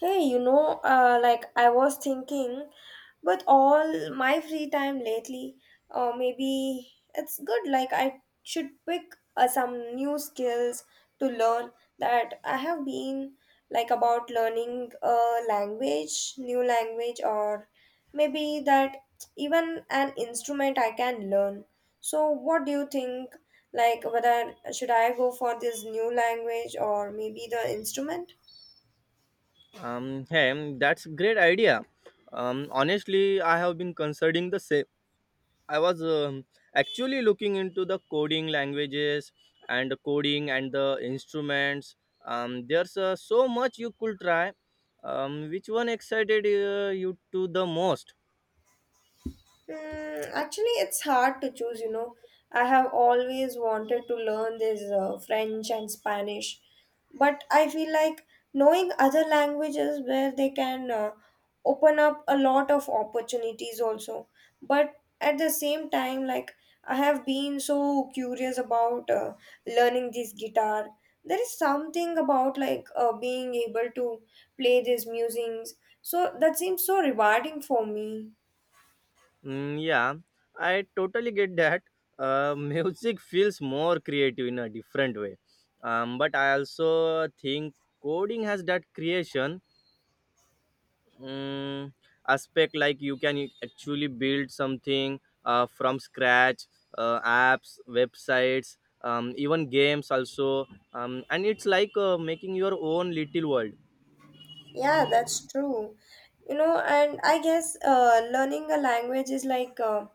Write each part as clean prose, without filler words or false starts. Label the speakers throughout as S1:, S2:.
S1: Hey, like I was thinking, with all my free time lately, maybe it's good. Like I should pick some new skills to learn that I have been like about learning a language, new language, or maybe that even an instrument I can learn. So, what do you think? Like whether should I go for this new language or maybe the instrument?
S2: That's great idea. Honestly, I have been considering the same. I was actually looking into the coding languages and the coding and the instruments. There's so much you could try. Which one excited you to the most?
S1: Actually, it's hard to choose. I have always wanted to learn this French and Spanish, but I feel like knowing other languages where they can open up a lot of opportunities also. But at the same time, like I have been so curious about learning this guitar. There is something about like being able to play these musings. So that seems so rewarding for me.
S2: Yeah, I totally get that. Music feels more creative in a different way. But I also think coding has that creation mm, aspect, like you can actually build something from scratch, apps, websites, even games also, and it's like making your own little world.
S1: Yeah, that's true. And I guess learning a language is like uh,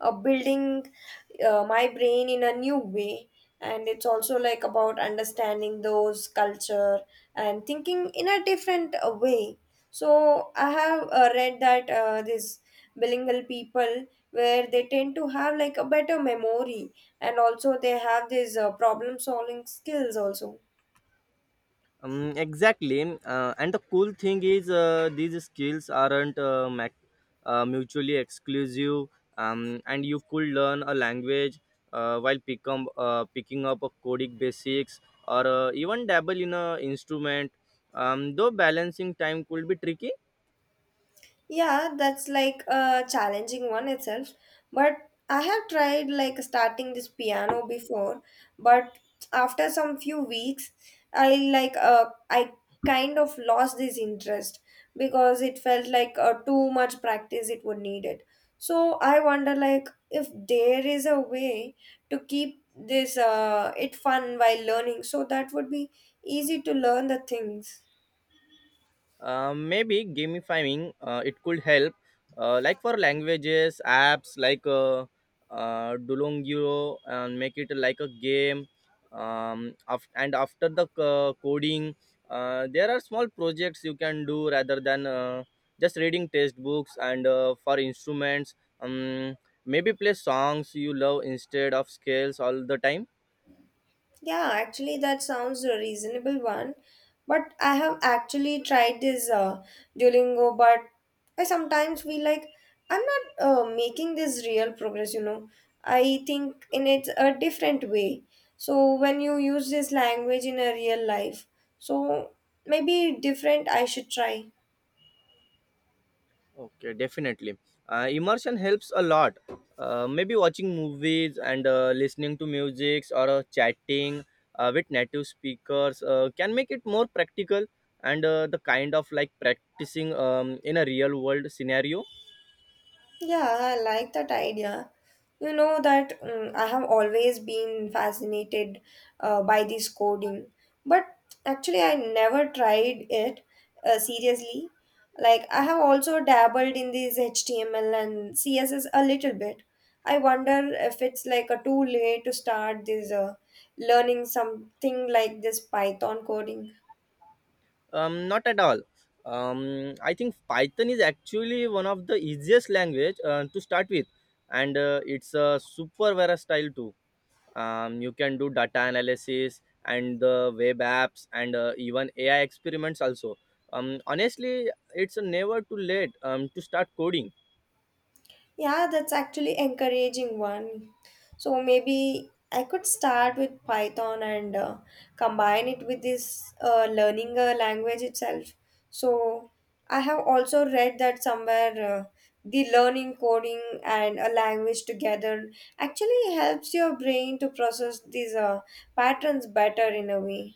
S1: uh, building my brain in a new way. And it's also like about understanding those culture and thinking in a different way. So I have read that this bilingual people where they tend to have like a better memory and also they have these problem solving skills also.
S2: Exactly, and the cool thing is, these skills aren't mutually exclusive, and you could learn a language while picking up a coding basics, or even dabble in a instrument, though balancing time could be tricky.
S1: Yeah, that's like a challenging one itself. But I have tried like starting this piano before, but after some few weeks, I kind of lost this interest because it felt like too much practice it would need it. So I wonder like if there is a way to keep this it fun while learning, so that would be easy to learn the things.
S2: Maybe gamifying it could help, like for languages apps like Duolingo, and make it like a game. And after the coding, there are small projects you can do rather than just reading textbooks. And for instruments, maybe play songs you love instead of scales all the time.
S1: Yeah, actually, that sounds a reasonable one. But I have actually tried this Duolingo, but I sometimes feel like I'm not making this real progress. I think in it a different way. So when you use this language in a real life, so maybe different I should try.
S2: Okay, definitely. Immersion helps a lot. Maybe watching movies and listening to music, or chatting with native speakers, can make it more practical and the kind of like practicing in a real world scenario.
S1: Yeah, I like that idea. You know that I have always been fascinated by this coding, but actually, I never tried it seriously. Like, I have also dabbled in this HTML and CSS a little bit. I wonder if it's like a too late to start this learning something like this Python coding.
S2: Not at all. I think Python is actually one of the easiest language to start with, and it's super versatile too. You can do data analysis and the web apps, and even AI experiments also. Honestly, it's never too late to start coding.
S1: Yeah, that's actually encouraging one. So maybe I could start with Python and combine it with this learning a language itself. So I have also read that somewhere the learning coding and a language together actually helps your brain to process these patterns better in a way.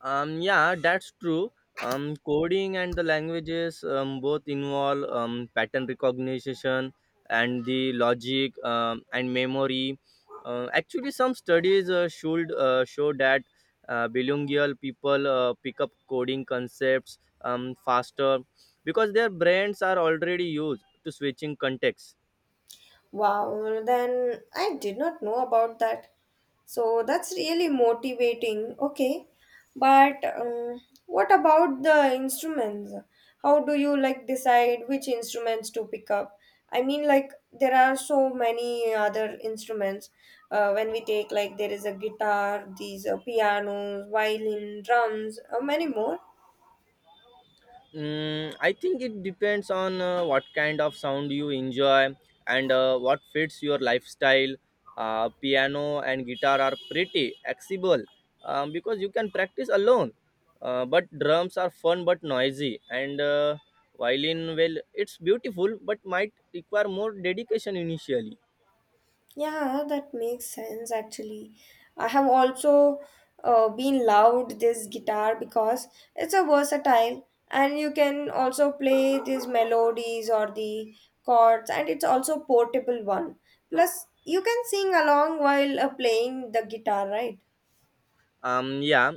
S2: Yeah, that's true. Coding and the languages both involve pattern recognition and the logic and memory. Actually, some studies should show that bilingual people pick up coding concepts faster because their brains are already used to switching contexts.
S1: Wow, then I did not know about that. So that's really motivating. Okay, but what about the instruments? How do you like decide which instruments to pick up? I mean, like there are so many other instruments. When we take like there is a guitar, these pianos, violin, drums, many more.
S2: I think it depends on what kind of sound you enjoy and what fits your lifestyle. Piano and guitar are pretty accessible because you can practice alone. But drums are fun but noisy, and violin, well, it's beautiful but might require more dedication initially.
S1: Yeah, that makes sense actually. I have also been loved this guitar because it's a versatile and you can also play these melodies or the chords and it's also portable one. Plus you can sing along while playing the guitar, right?
S2: Yeah,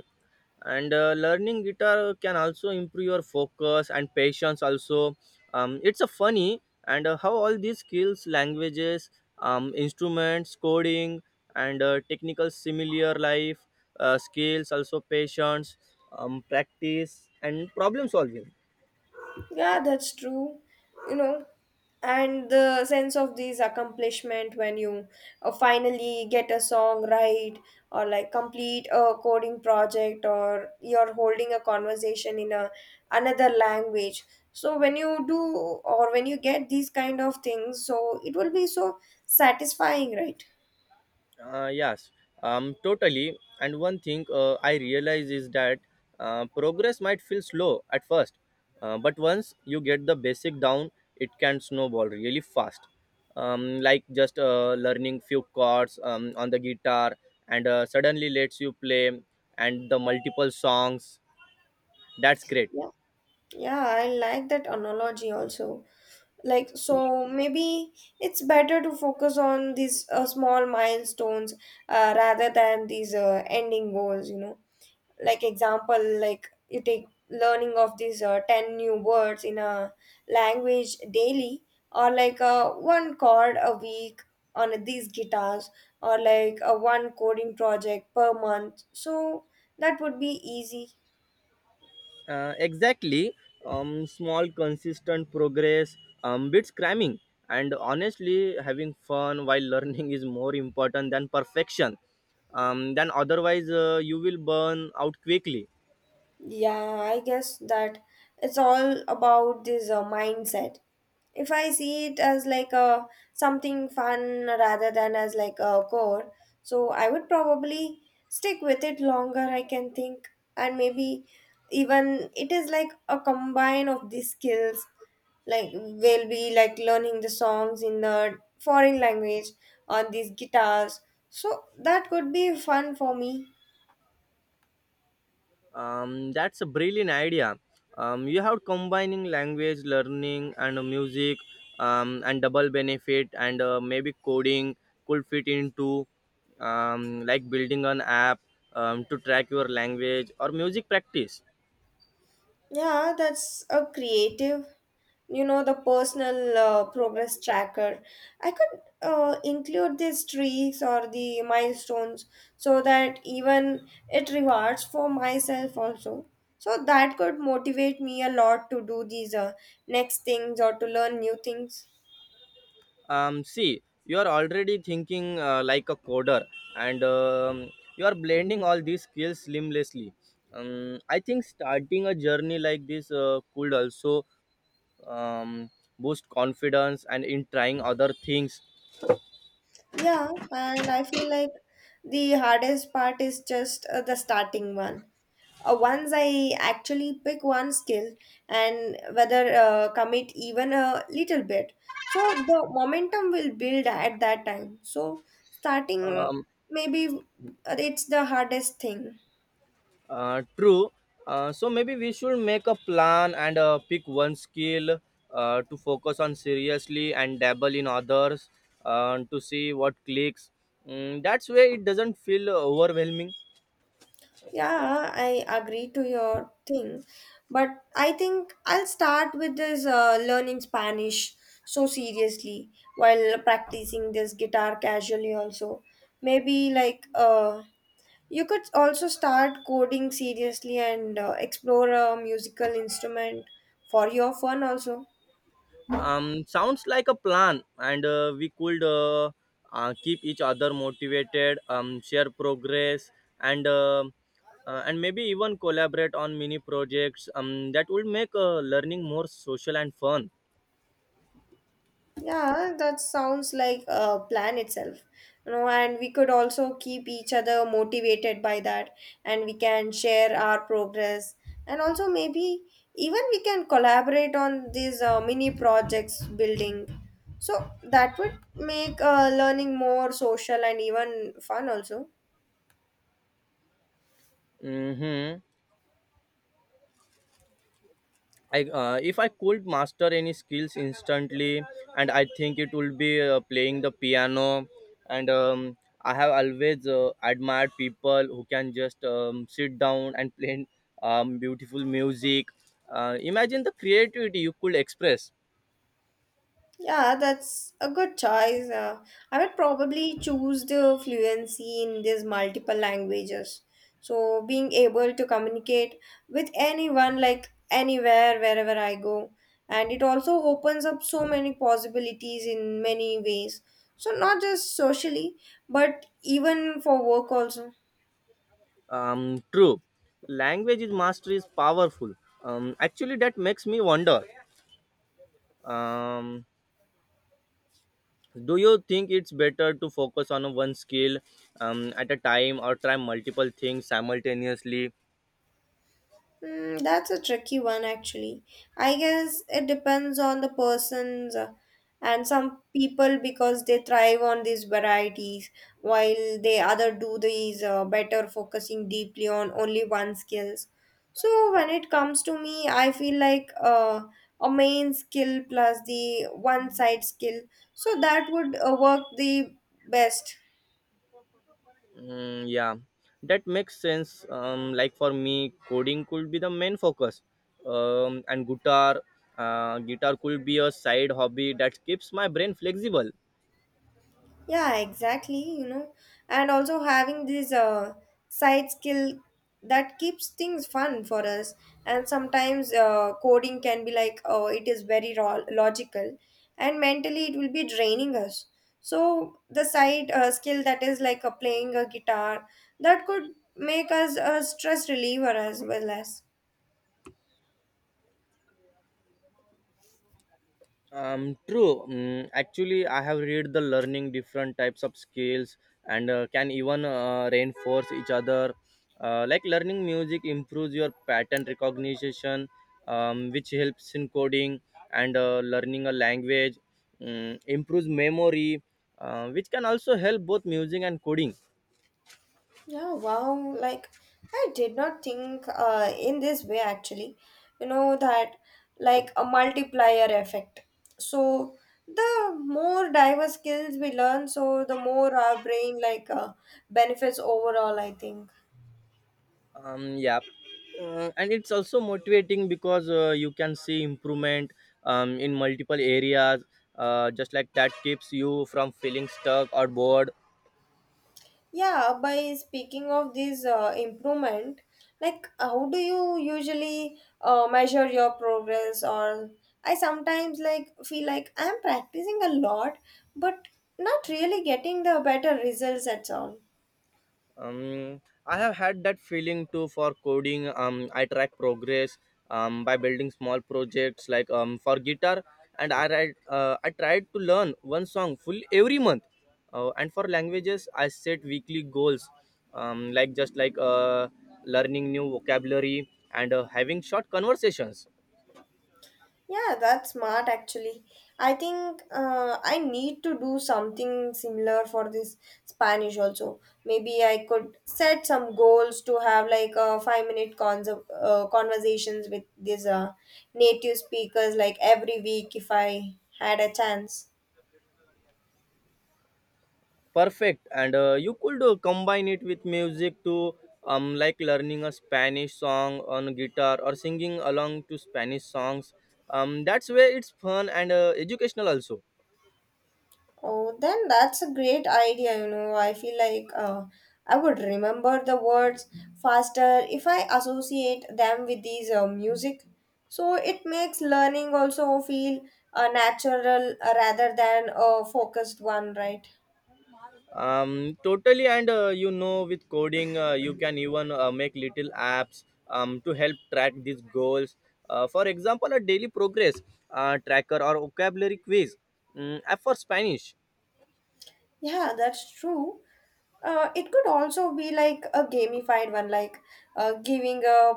S2: and learning guitar can also improve your focus and patience also. It's a funny, and how all these skills, languages, instruments, coding, and technical similar life skills also, patience, practice, and problem solving.
S1: Yeah, that's true. You know, and the sense of these accomplishment when you finally get a song right or like complete a coding project or you're holding a conversation in a another language. So when you do or when you get these kind of things, so it will be so satisfying, right?
S2: Yes, totally. And one thing I realize is that progress might feel slow at first, but once you get the basic down, it can snowball really fast. Like just learning few chords on the guitar, and suddenly lets you play and the multiple songs. That's great.
S1: Yeah. Yeah, I like that analogy also. Like so maybe it's better to focus on these small milestones rather than these ending goals like example like you take learning of these 10 new words in a language daily or like one chord a week on these guitars or like a one coding project per month so that would be easy.
S2: Exactly. Small, consistent progress beats cramming. And honestly, having fun while learning is more important than perfection. Then, otherwise, you will burn out quickly.
S1: Yeah, I guess that it's all about this mindset. If I see it as like a something fun rather than as like a core, so I would probably stick with it longer, I can think, and maybe even it is like a combine of these skills like we'll be like learning the songs in the foreign language on these guitars so that could be fun for me.
S2: That's a brilliant idea. You have combining language learning and music, and double benefit, and maybe coding could fit into like building an app to track your language or music practice.
S1: Yeah, that's a creative, the personal progress tracker. I could include these streaks or the milestones so that even it rewards for myself also. So that could motivate me a lot to do these next things or to learn new things.
S2: See, you are already thinking like a coder, and you are blending all these skills seamlessly. I think starting a journey like this could also um, boost confidence and in trying other things.
S1: Yeah, and I feel like the hardest part is just the starting one. Once I actually pick one skill and whether commit even a little bit, so the momentum will build at that time. So starting
S2: um,
S1: maybe it's the hardest thing.
S2: True. So maybe we should make a plan and pick one skill to focus on seriously and dabble in others to see what clicks. That's where it doesn't feel overwhelming.
S1: Yeah, I agree to your thing, but I think I'll start with this learning Spanish so seriously while practicing this guitar casually also. Maybe like you could also start coding seriously and explore a musical instrument for your fun also.
S2: Sounds like a plan, and we could keep each other motivated, share progress, and uh, and maybe even collaborate on mini projects, that would make learning more social and fun.
S1: Yeah, that sounds like a plan itself. And we could also keep each other motivated by that, and we can share our progress, and also maybe even we can collaborate on these mini projects building. So that would make learning more social and even fun also.
S2: Mm-hmm. I If I could master any skills instantly, and I think it will be playing the piano. And I have always admired people who can just sit down and play beautiful music. Imagine the creativity you could express.
S1: Yeah, that's a good choice. I would probably choose the fluency in these multiple languages. So, being able to communicate with anyone, like anywhere, wherever I go. And it also opens up so many possibilities in many ways. So, not just socially, but even for work, also.
S2: True, language is mastery is powerful. Actually, that makes me wonder. Um, do you think it's better to focus on one skill at a time, or try multiple things simultaneously?
S1: That's a tricky one, actually. I guess it depends on the person's and some people because they thrive on these varieties, while they other do these better focusing deeply on only one skills. So when it comes to me, I feel like a main skill plus the one side skill, so that would work the best.
S2: Yeah, that makes sense. Like for me, coding could be the main focus, and guitar could be a side hobby that keeps my brain flexible.
S1: Yeah, exactly, and also having this side skill that keeps things fun for us. And sometimes coding can be like, oh, it is very logical, and mentally it will be draining us. So the side skill that is like playing a guitar that could make us a stress reliever as well as.
S2: True. Actually, I have read the learning different types of skills and can even reinforce each other. Like learning music improves your pattern recognition, which helps in coding, and learning a language improves memory, which can also help both music and coding.
S1: Yeah, wow. Like, I did not think in this way actually. That like a multiplier effect. So, the more diverse skills we learn, so the more our brain like benefits overall, I think.
S2: Yeah, and it's also motivating because you can see improvement in multiple areas, just like that keeps you from feeling stuck or bored.
S1: Yeah, by speaking of this improvement, like how do you usually measure your progress? Or I sometimes like feel like I'm practicing a lot, but not really getting the better results at all.
S2: um, I have had that feeling too. For coding, I track progress by building small projects. Like, for guitar, and I tried to learn one song full every month, and for languages I set weekly goals, like learning new vocabulary and having short conversations.
S1: Yeah, that's smart actually. I think I need to do something similar for this Spanish also. Maybe I could set some goals to have like a 5 minute conversations with these native speakers like every week if I had a chance.
S2: Perfect. And you could combine it with music too, like learning a Spanish song on guitar, or singing along to Spanish songs. That's where it's fun and educational also.
S1: Oh, then that's a great idea, you know. I feel like I would remember the words faster if I associate them with these music. So it makes learning also feel natural rather than a focused one, right?
S2: Totally. And you know, with coding, you can even make little apps to help track these goals. For example, a daily progress tracker, or vocabulary quiz app for Spanish.
S1: Yeah, that's true. It could also be like a gamified one, like giving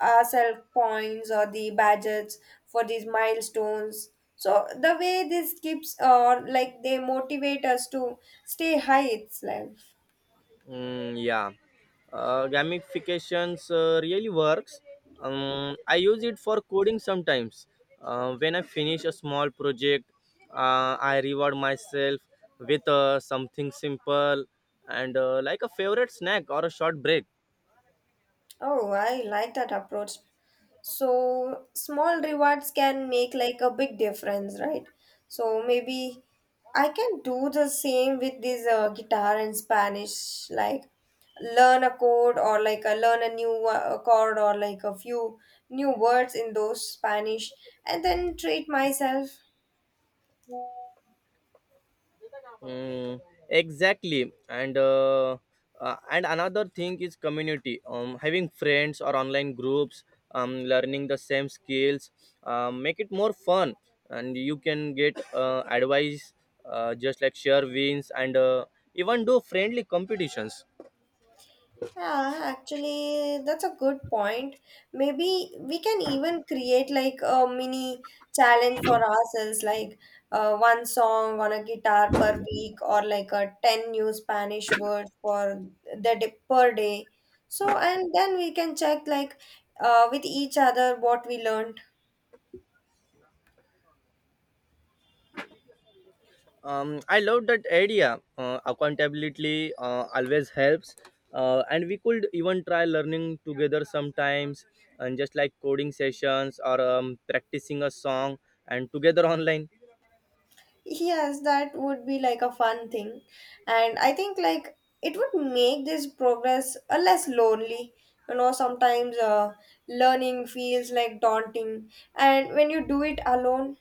S1: ourselves points or the badges for these milestones. So the way this keeps, or like they motivate us to stay high itself.
S2: Yeah, gamifications really works. I use it for coding sometimes. When I finish a small project, I reward myself with something simple, and like a favorite snack or a short break.
S1: Oh, I like that approach. So small rewards can make like a big difference, right? So maybe I can do the same with this guitar in Spanish, like learn a new chord or like a few new words in those Spanish, and then treat myself.
S2: Mm, exactly, and and another thing is community. Having friends or online groups learning the same skills make it more fun, and you can get advice, just like share wins, and even do friendly competitions.
S1: Yeah, actually, that's a good point. Maybe we can even create like a mini challenge for ourselves, like one song on a guitar per week, or like a 10 new Spanish words for the day, per day. So, and then we can check like with each other what we learned.
S2: I love that idea. Accountability always helps, and we could even try learning together sometimes, and just like coding sessions, or practicing a song and together online.
S1: Yes, that would be like a fun thing. And I think like it would make this progress a less lonely. Sometimes learning feels like daunting. And when you do it alone,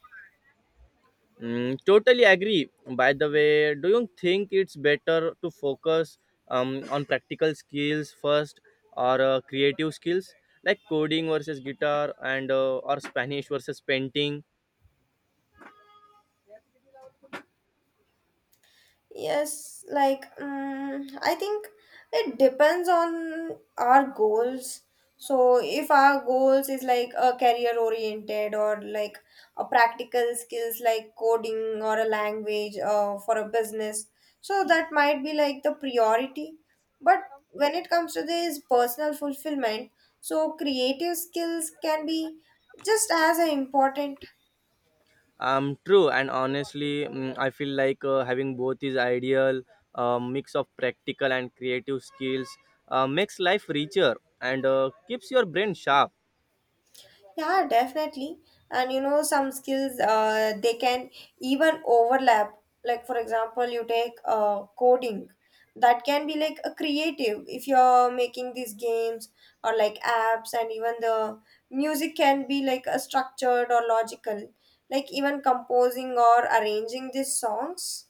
S2: Totally agree. By the way, do you think it's better to focus on practical skills first, or creative skills, like coding versus guitar, and or Spanish versus painting?
S1: yes, like I think it depends on our goals. So if our goals is like a career oriented or like a practical skills like coding or a language for a business, so that might be like the priority. But when it comes to this personal fulfillment, so creative skills can be just as important.
S2: True, and honestly, I feel like having both is ideal. A mix of practical and creative skills makes life richer and keeps your brain sharp.
S1: Yeah, definitely. And you know, some skills they can even overlap. Like for example, you take coding. That can be like a creative if you're making these games or like apps, and even the music can be like a structured or logical, like even composing or arranging these songs.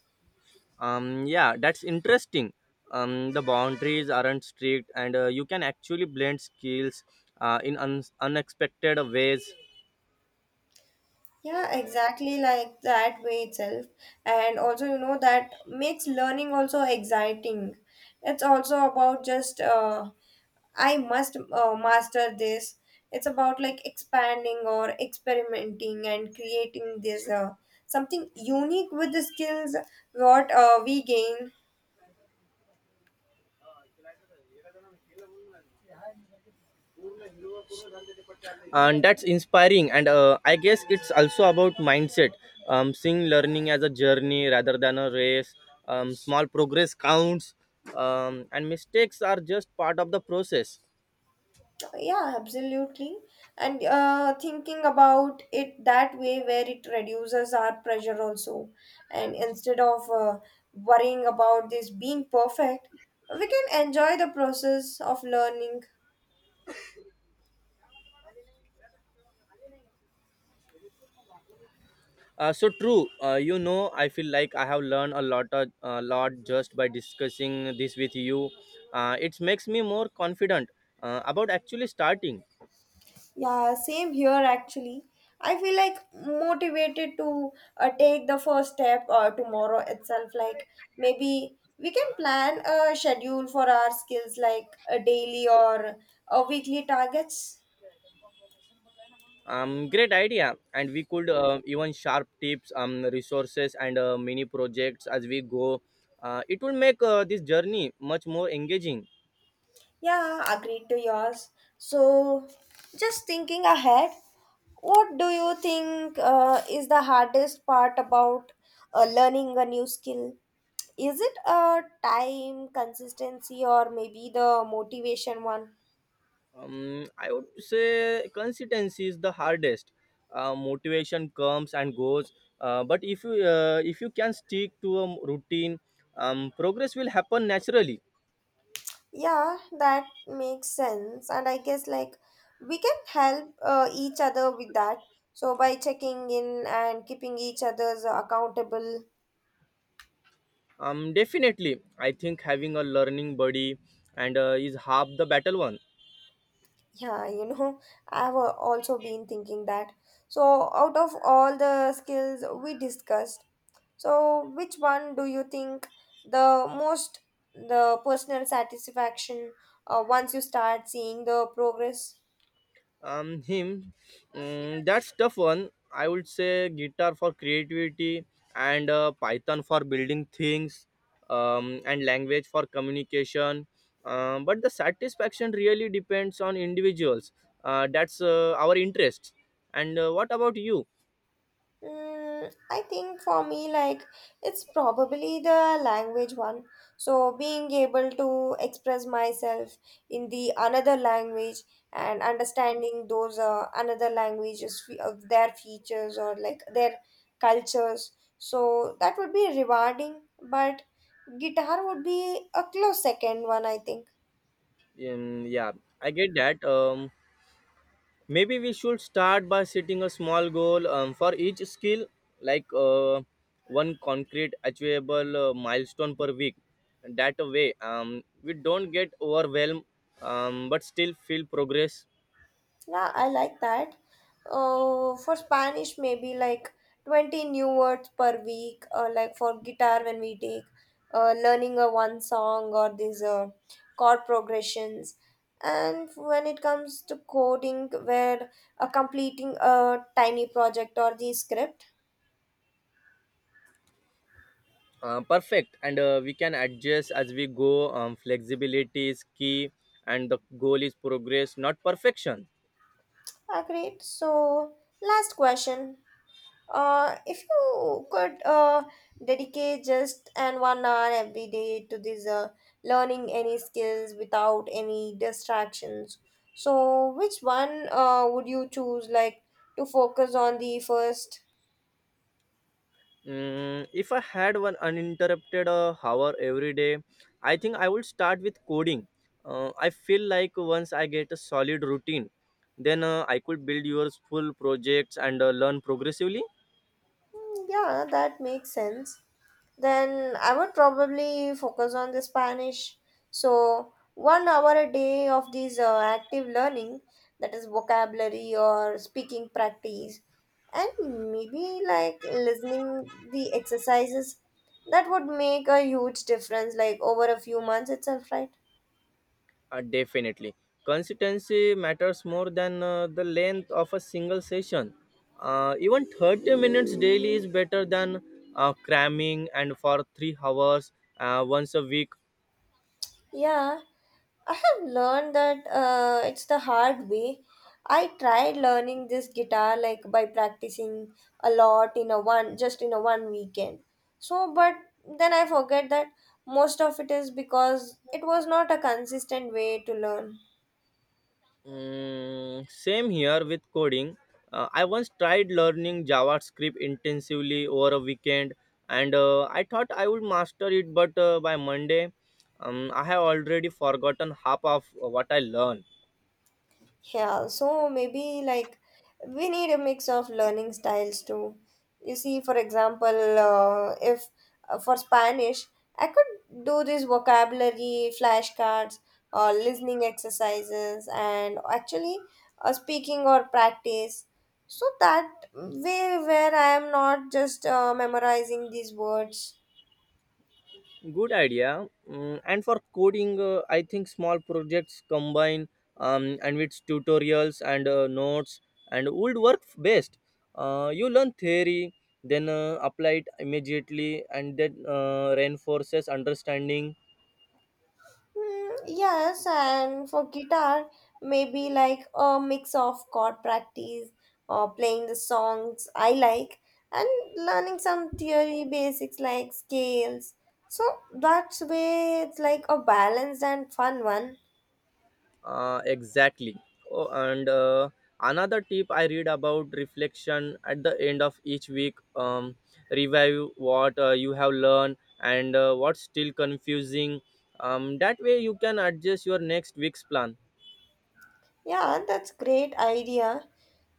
S2: Yeah, that's interesting. The boundaries aren't strict, and you can actually blend skills unexpected ways.
S1: Yeah, exactly like that way itself. And also, you know, that makes learning also exciting. It's also about just, I must master this. It's about like expanding or experimenting and creating this something unique with the skills what we gain.
S2: And that's inspiring, and I guess it's also about mindset, seeing learning as a journey rather than a race. Small progress counts, and mistakes are just part of the process.
S1: Yeah, absolutely. And thinking about it that way where it reduces our pressure also, and instead of worrying about this being perfect, we can enjoy the process of learning.
S2: So true. You know, I feel like I have learned a lot just by discussing this with you. It makes me more confident about actually starting.
S1: Yeah, same here actually. I feel like motivated to take the first step tomorrow itself, like maybe we can plan a schedule for our skills like a daily or a weekly targets.
S2: Great idea, and we could even sharp tips, resources, and mini projects as we go. It will make this journey much more engaging.
S1: Yeah, agreed to yours. So, just thinking ahead, what do you think is the hardest part about learning a new skill? Is it time, consistency, or maybe the motivation one?
S2: I would say consistency is the hardest. Motivation comes and goes, but if you can stick to a routine, progress will happen naturally.
S1: Yeah, that makes sense. And I guess like we can help each other with that. So, by checking in and keeping each other's accountable.
S2: Definitely. I think having a learning buddy and is half the battle one.
S1: Yeah, you know, I've also been thinking that. So, out of all the skills we discussed, so which one do you think the most, the personal satisfaction once you start seeing the progress?
S2: um him that's tough one. I would say guitar for creativity, and Python for building things, and language for communication. But the satisfaction really depends on individuals, that's our interest. And what about you?
S1: Mm, I think for me, like, it's probably the language one. So, being able to express myself in the another language and understanding those another languages, of their features or like their cultures. So, that would be rewarding, but guitar would be a close second one, I think.
S2: Yeah, I get that. Maybe we should start by setting a small goal for each skill, like one concrete, achievable milestone per week. That way, we don't get overwhelmed, but still feel progress.
S1: Yeah, I like that. For Spanish, maybe like 20 new words per week, or like for guitar, when we take learning a one song or these chord progressions. And when it comes to coding, where completing a tiny project or the script,
S2: Perfect, and we can adjust as we go. Flexibility is key, and the goal is progress, not perfection.
S1: agreed. So, last question. If you could dedicate just an 1 hour every day to this learning any skills without any distractions, so which one would you choose, like to focus on the first?
S2: If I had one uninterrupted hour every day, I think I would start with coding. I feel like once I get a solid routine, then I could build your full projects and learn progressively.
S1: Mm, yeah, that makes sense. Then I would probably focus on the Spanish. So, 1 hour a day of these active learning, that is vocabulary or speaking practice, and maybe like listening the exercises, that would make a huge difference, like over a few months itself, right?
S2: Definitely. Consistency matters more than the length of a single session. Even 30 minutes daily is better than cramming and for 3 hours once a week.
S1: Yeah, I have learned that it's the hard way. I tried learning this guitar like by practicing a lot in a one, just in a one weekend. So, but then I forget that most of it is because it was not a consistent way to learn.
S2: Mm, same here with coding. I once tried learning JavaScript intensively over a weekend, and I thought I would master it, but by Monday, I have already forgotten half of what I learned.
S1: Yeah, so maybe like we need a mix of learning styles too. You see, for example, if for Spanish, I could do this vocabulary, flashcards, or listening exercises, and actually speaking or practice. So that way, where I am not just memorizing these words.
S2: Good idea. Mm, and for coding I think small projects combine and with tutorials and notes and would work best. You learn theory, then apply it immediately, and that reinforces understanding.
S1: Mm, yes, and for guitar, maybe like a mix of chord practice or playing the songs I like and learning some theory basics like scales. So that's way it's like a balanced and fun one.
S2: Exactly. Oh, and another tip I read about: reflection at the end of each week. Review what you have learned and what's still confusing. That way you can adjust your next week's plan.
S1: Yeah, that's great idea.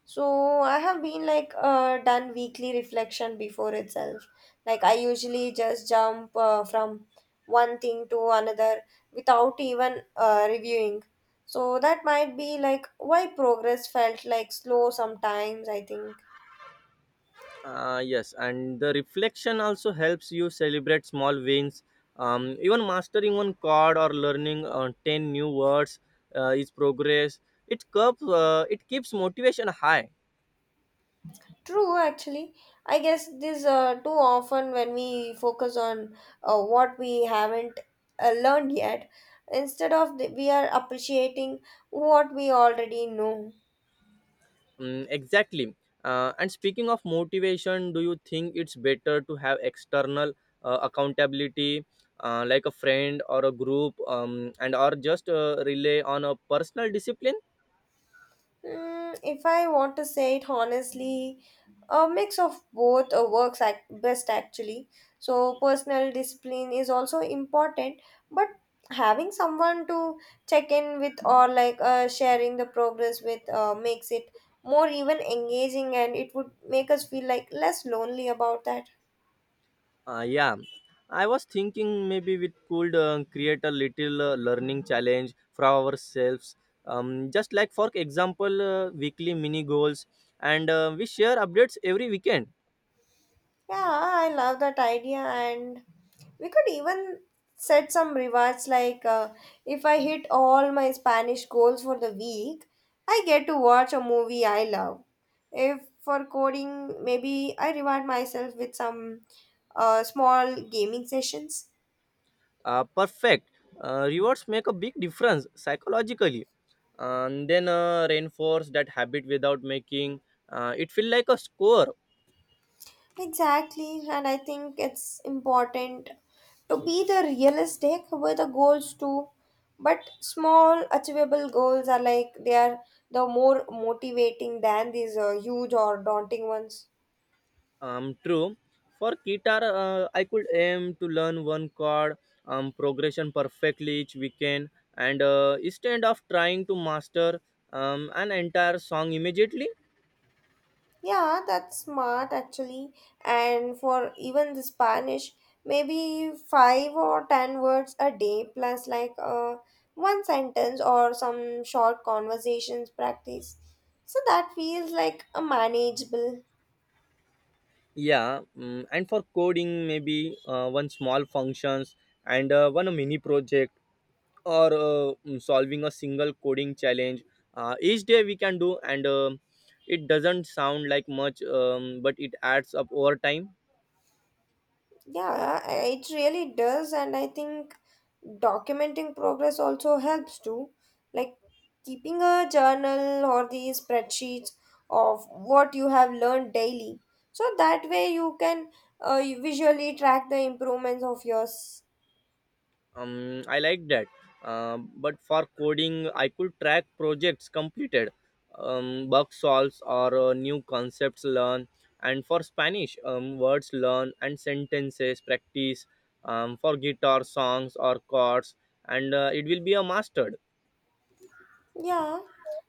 S1: So I have been like done weekly reflection before itself. Like I usually just jump from one thing to another without even reviewing. So that might be like why progress felt like slow sometimes, I think.
S2: Yes, and the reflection also helps you celebrate small wins. Even mastering one chord or learning ten new words is progress. It keeps motivation high.
S1: True, actually. I guess this too often when we focus on what we haven't learned yet, instead of the, we are appreciating what we already know.
S2: Mm, exactly. And speaking of motivation, do you think it's better to have external accountability, like a friend or a group, and or just rely on a personal discipline?
S1: Mm, if I want to say it honestly, a mix of both works best actually. So, personal discipline is also important, but having someone to check in with or like sharing the progress with makes it more even engaging, and it would make us feel like less lonely about that.
S2: Yeah, I was thinking maybe we could create a little learning challenge for ourselves. Just, like, for example, weekly mini goals, and we share updates every weekend.
S1: Yeah, I love that idea, and we could even set some rewards like if I hit all my Spanish goals for the week, I get to watch a movie I love. If for coding, maybe I reward myself with some small gaming sessions.
S2: Uh, perfect. Uh, rewards make a big difference psychologically and then reinforce that habit without making it feel like a score.
S1: Exactly, and I think it's important to be the realistic with the goals too. But small, achievable goals are like they are the more motivating than these huge or daunting ones.
S2: Um, true. For guitar I could aim to learn one chord progression perfectly each weekend, and instead of trying to master an entire song immediately.
S1: Yeah, that's smart actually. And for even the Spanish, maybe five or ten words a day plus like one sentence or some short conversations practice. So that feels like a manageable.
S2: Yeah. Mm, and for coding maybe one small functions and one mini project or solving a single coding challenge each day we can do. And it doesn't sound like much, but it adds up over time.
S1: Yeah, it really does, and I think documenting progress also helps too. Like keeping a journal or these spreadsheets of what you have learned daily. So that way you can visually track the improvements of yours.
S2: Um, I like that. Um, but for coding I could track projects completed, bug solves or new concepts learn, and for Spanish words learn and sentences practice, for guitar songs or chords, and it will be a mastered.
S1: Yeah,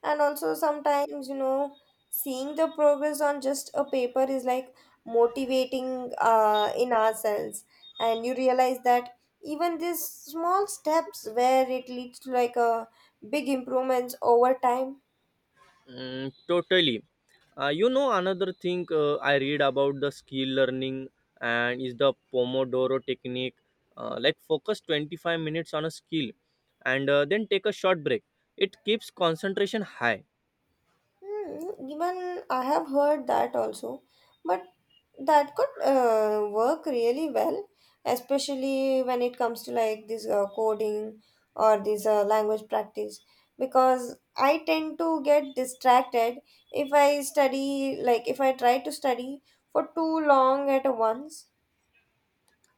S1: and also sometimes, you know, seeing the progress on just a paper is like motivating in ourselves. And you realize that even these small steps where it leads to like a big improvements over time.
S2: Mm, totally. You know, another thing I read about the skill learning and is the Pomodoro technique. Like focus 25 minutes on a skill and then take a short break. It keeps concentration high.
S1: Hmm, even I have heard that also, but that could work really well, especially when it comes to like this coding or this language practice, because I tend to get distracted if I study, like if I try to study for too long at once.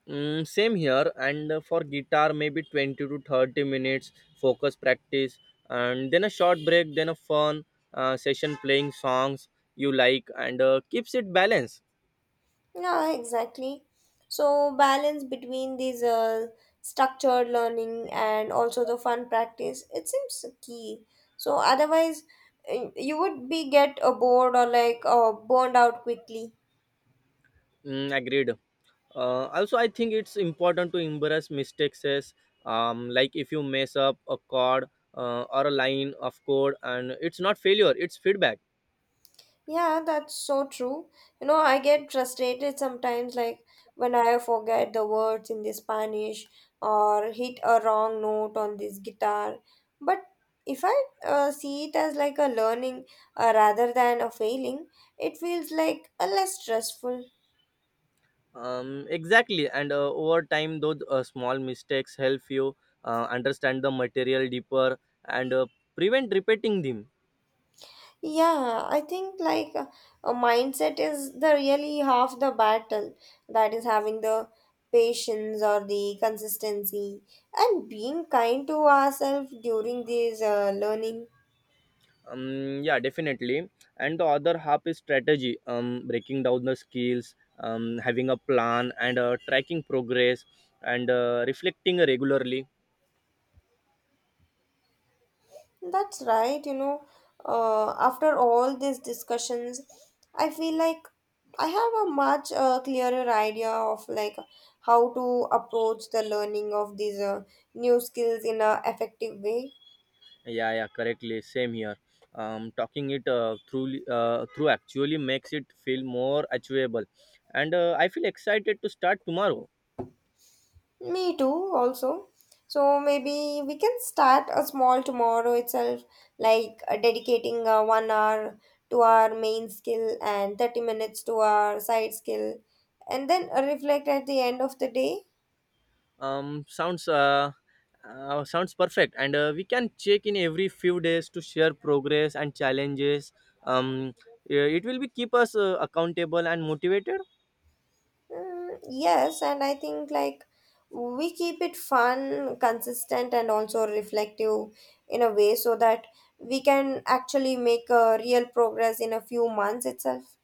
S2: Mm, same here. And for guitar, maybe 20 to 30 minutes focus practice and then a short break, then a fun session playing songs you like, and keeps it balanced.
S1: Yeah, exactly. So balance between these structured learning and also the fun practice, it seems key. So otherwise, you would be get bored or like burned out quickly.
S2: Mm, agreed. Also, I think it's important to embrace mistakes as, like, if you mess up a chord or a line of code, and it's not failure, it's feedback.
S1: Yeah, that's so true. You know, I get frustrated sometimes, like when I forget the words in the Spanish or hit a wrong note on this guitar. But if I see it as like a learning rather than a failing, it feels like a less stressful.
S2: Exactly, and over time those small mistakes help you understand the material deeper and prevent repeating them.
S1: Yeah, I think like a mindset is the really half the battle, that is having the patience or the consistency and being kind to ourselves during this learning.
S2: Yeah, definitely. And the other half is strategy, breaking down the skills, having a plan, and tracking progress, and reflecting regularly.
S1: That's right, you know. After all these discussions, I feel like I have a much clearer idea of like how to approach the learning of these new skills in a effective way.
S2: Yeah, yeah, correctly. Same here. Talking it through actually makes it feel more achievable, and I feel excited to start tomorrow.
S1: Me too, also. So maybe we can start a small tomorrow itself, like dedicating 1 hour to our main skill and 30 minutes to our side skill, and then reflect at the end of the day.
S2: Um, sounds uh, Sounds perfect, and we can check in every few days to share progress and challenges. Um, it will be keep us accountable and motivated.
S1: Mm, yes, and I think like we keep it fun, consistent, and also reflective in a way so that we can actually make a real progress in a few months itself.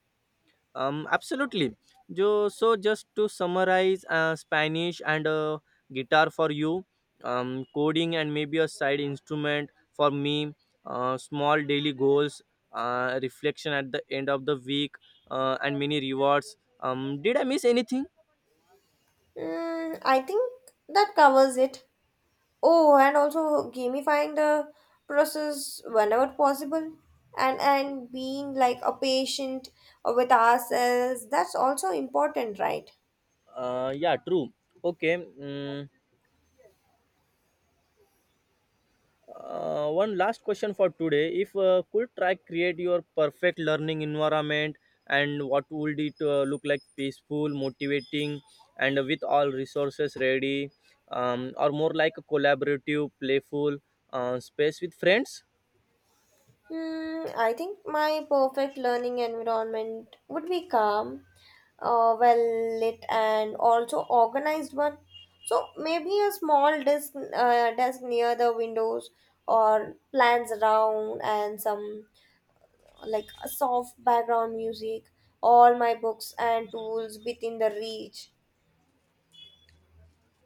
S2: Absolutely. Jo, so just to summarize, Spanish and guitar for you, coding and maybe a side instrument for me, small daily goals, reflection at the end of the week, and many rewards. Did I miss anything?
S1: Mm, I think that covers it. Oh, and also gamifying the process whenever possible, and being like a patient with ourselves. That's also important, right?
S2: Yeah, true. Okay. One last question for today. If could try create your perfect learning environment, and what would it look like? Peaceful, motivating, and with all resources ready, or more like a collaborative, playful space with friends?
S1: Hmm, I think my perfect learning environment would be calm, well lit, and also organized one. So maybe a small desk, desk near the windows, or plants around, and some like a soft background music, all my books and tools within the reach.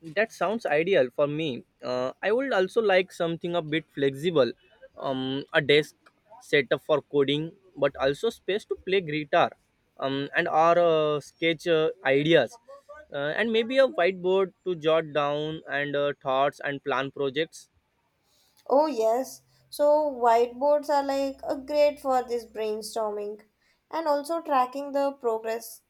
S2: That sounds ideal for me. I would also like something a bit flexible, a desk set up for coding, but also space to play guitar, and or sketch ideas, and maybe a whiteboard to jot down and thoughts and plan projects.
S1: Oh, yes. So, whiteboards are like a great for this brainstorming and also tracking the progress.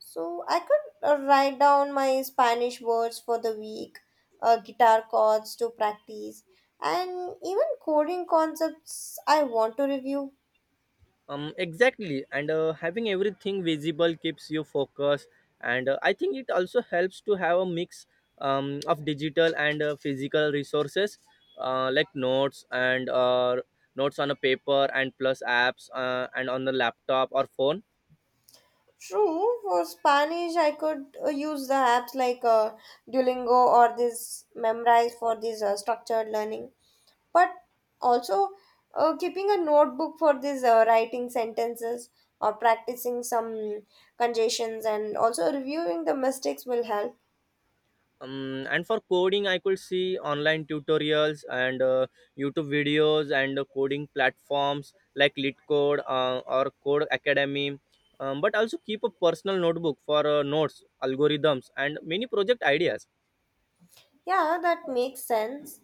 S1: So, I could write down my Spanish words for the week, guitar chords to practice, and even coding concepts I want to review.
S2: Exactly, and having everything visible keeps you focused, and I think it also helps to have a mix of digital and physical resources, like notes on a paper, and plus apps and on the laptop or phone.
S1: True, for Spanish, I could use the apps like Duolingo or this Memrise for this structured learning. But also, keeping a notebook for this writing sentences or practicing some conjugations and also reviewing the mistakes will help.
S2: And for coding I could see online tutorials and YouTube videos, and coding platforms like litcode or code academy, but also keep a personal notebook for notes algorithms and many project ideas.
S1: Yeah, that makes sense.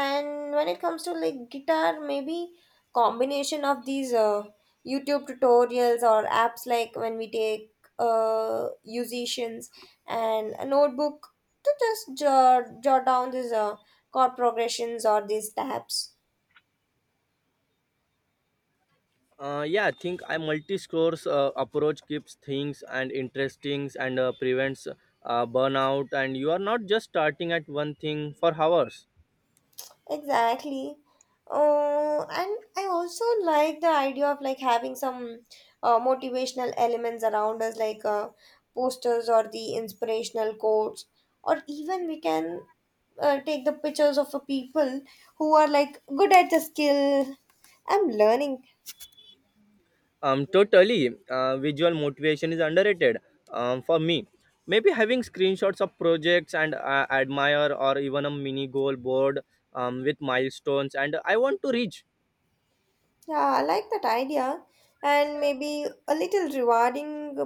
S1: And when it comes to like guitar, maybe combination of these YouTube tutorials or apps like when we take musicians and a notebook to just jot down these chord progressions or these tabs.
S2: Yeah, I think I multi-scores approach keeps things and interesting and prevents burnout, and you are not just starting at one thing for hours.
S1: Exactly. And I also like the idea of like having some motivational elements around us, like posters or the inspirational quotes, or even we can take the pictures of the people who are like good at the skill I'm learning.
S2: Totally. Visual motivation is underrated for me. Maybe having screenshots of projects and admire, or even a mini goal board with milestones and I want to reach.
S1: Yeah, I like that idea. And maybe a little rewarding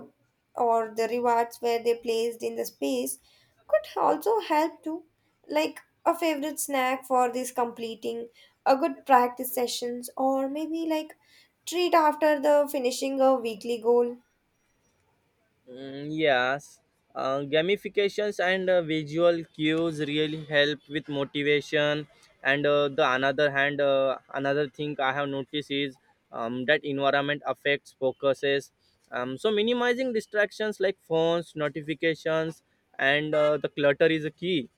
S1: or the rewards where they placed in the space could also help too. Like a favorite snack for this completing, a good practice sessions, or maybe like treat after the finishing a weekly goal.
S2: Mm, yes, gamifications and visual cues really help with motivation. And the another hand, another thing I have noticed is that environment affects focuses. So minimizing distractions like phones, notifications, and the clutter is a key.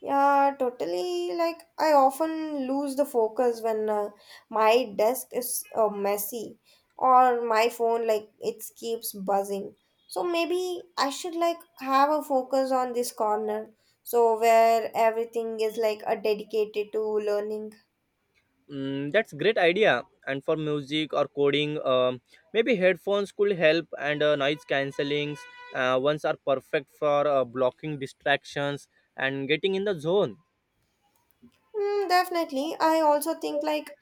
S1: Yeah, totally. Like, I often lose the focus when my desk is messy or my phone, like, it keeps buzzing. So maybe I should, like, have a focus on this corner. So, where everything is, like, a dedicated to learning.
S2: Mm, that's great idea. And for music or coding, maybe headphones could help, and noise cancellings ones are perfect for blocking distractions and getting in the zone.
S1: Mm, definitely. I also think, like,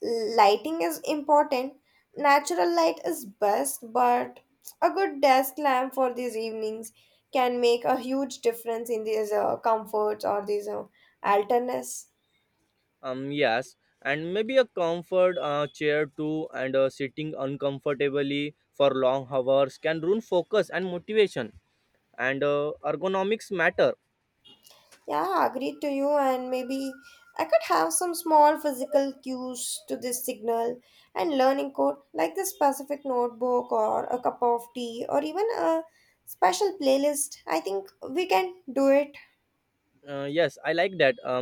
S1: lighting is important. Natural light is best, but a good desk lamp for these evenings can make a huge difference in these comforts or these alternates.
S2: Yes, and maybe a comfort chair too, and sitting uncomfortably for long hours can ruin focus and motivation. And ergonomics matter.
S1: Yeah, agreed to you. And maybe I could have some small physical cues to this signal and learning code, like the specific notebook or a cup of tea or even a special playlist. I think we can do it.
S2: Yes, I like that.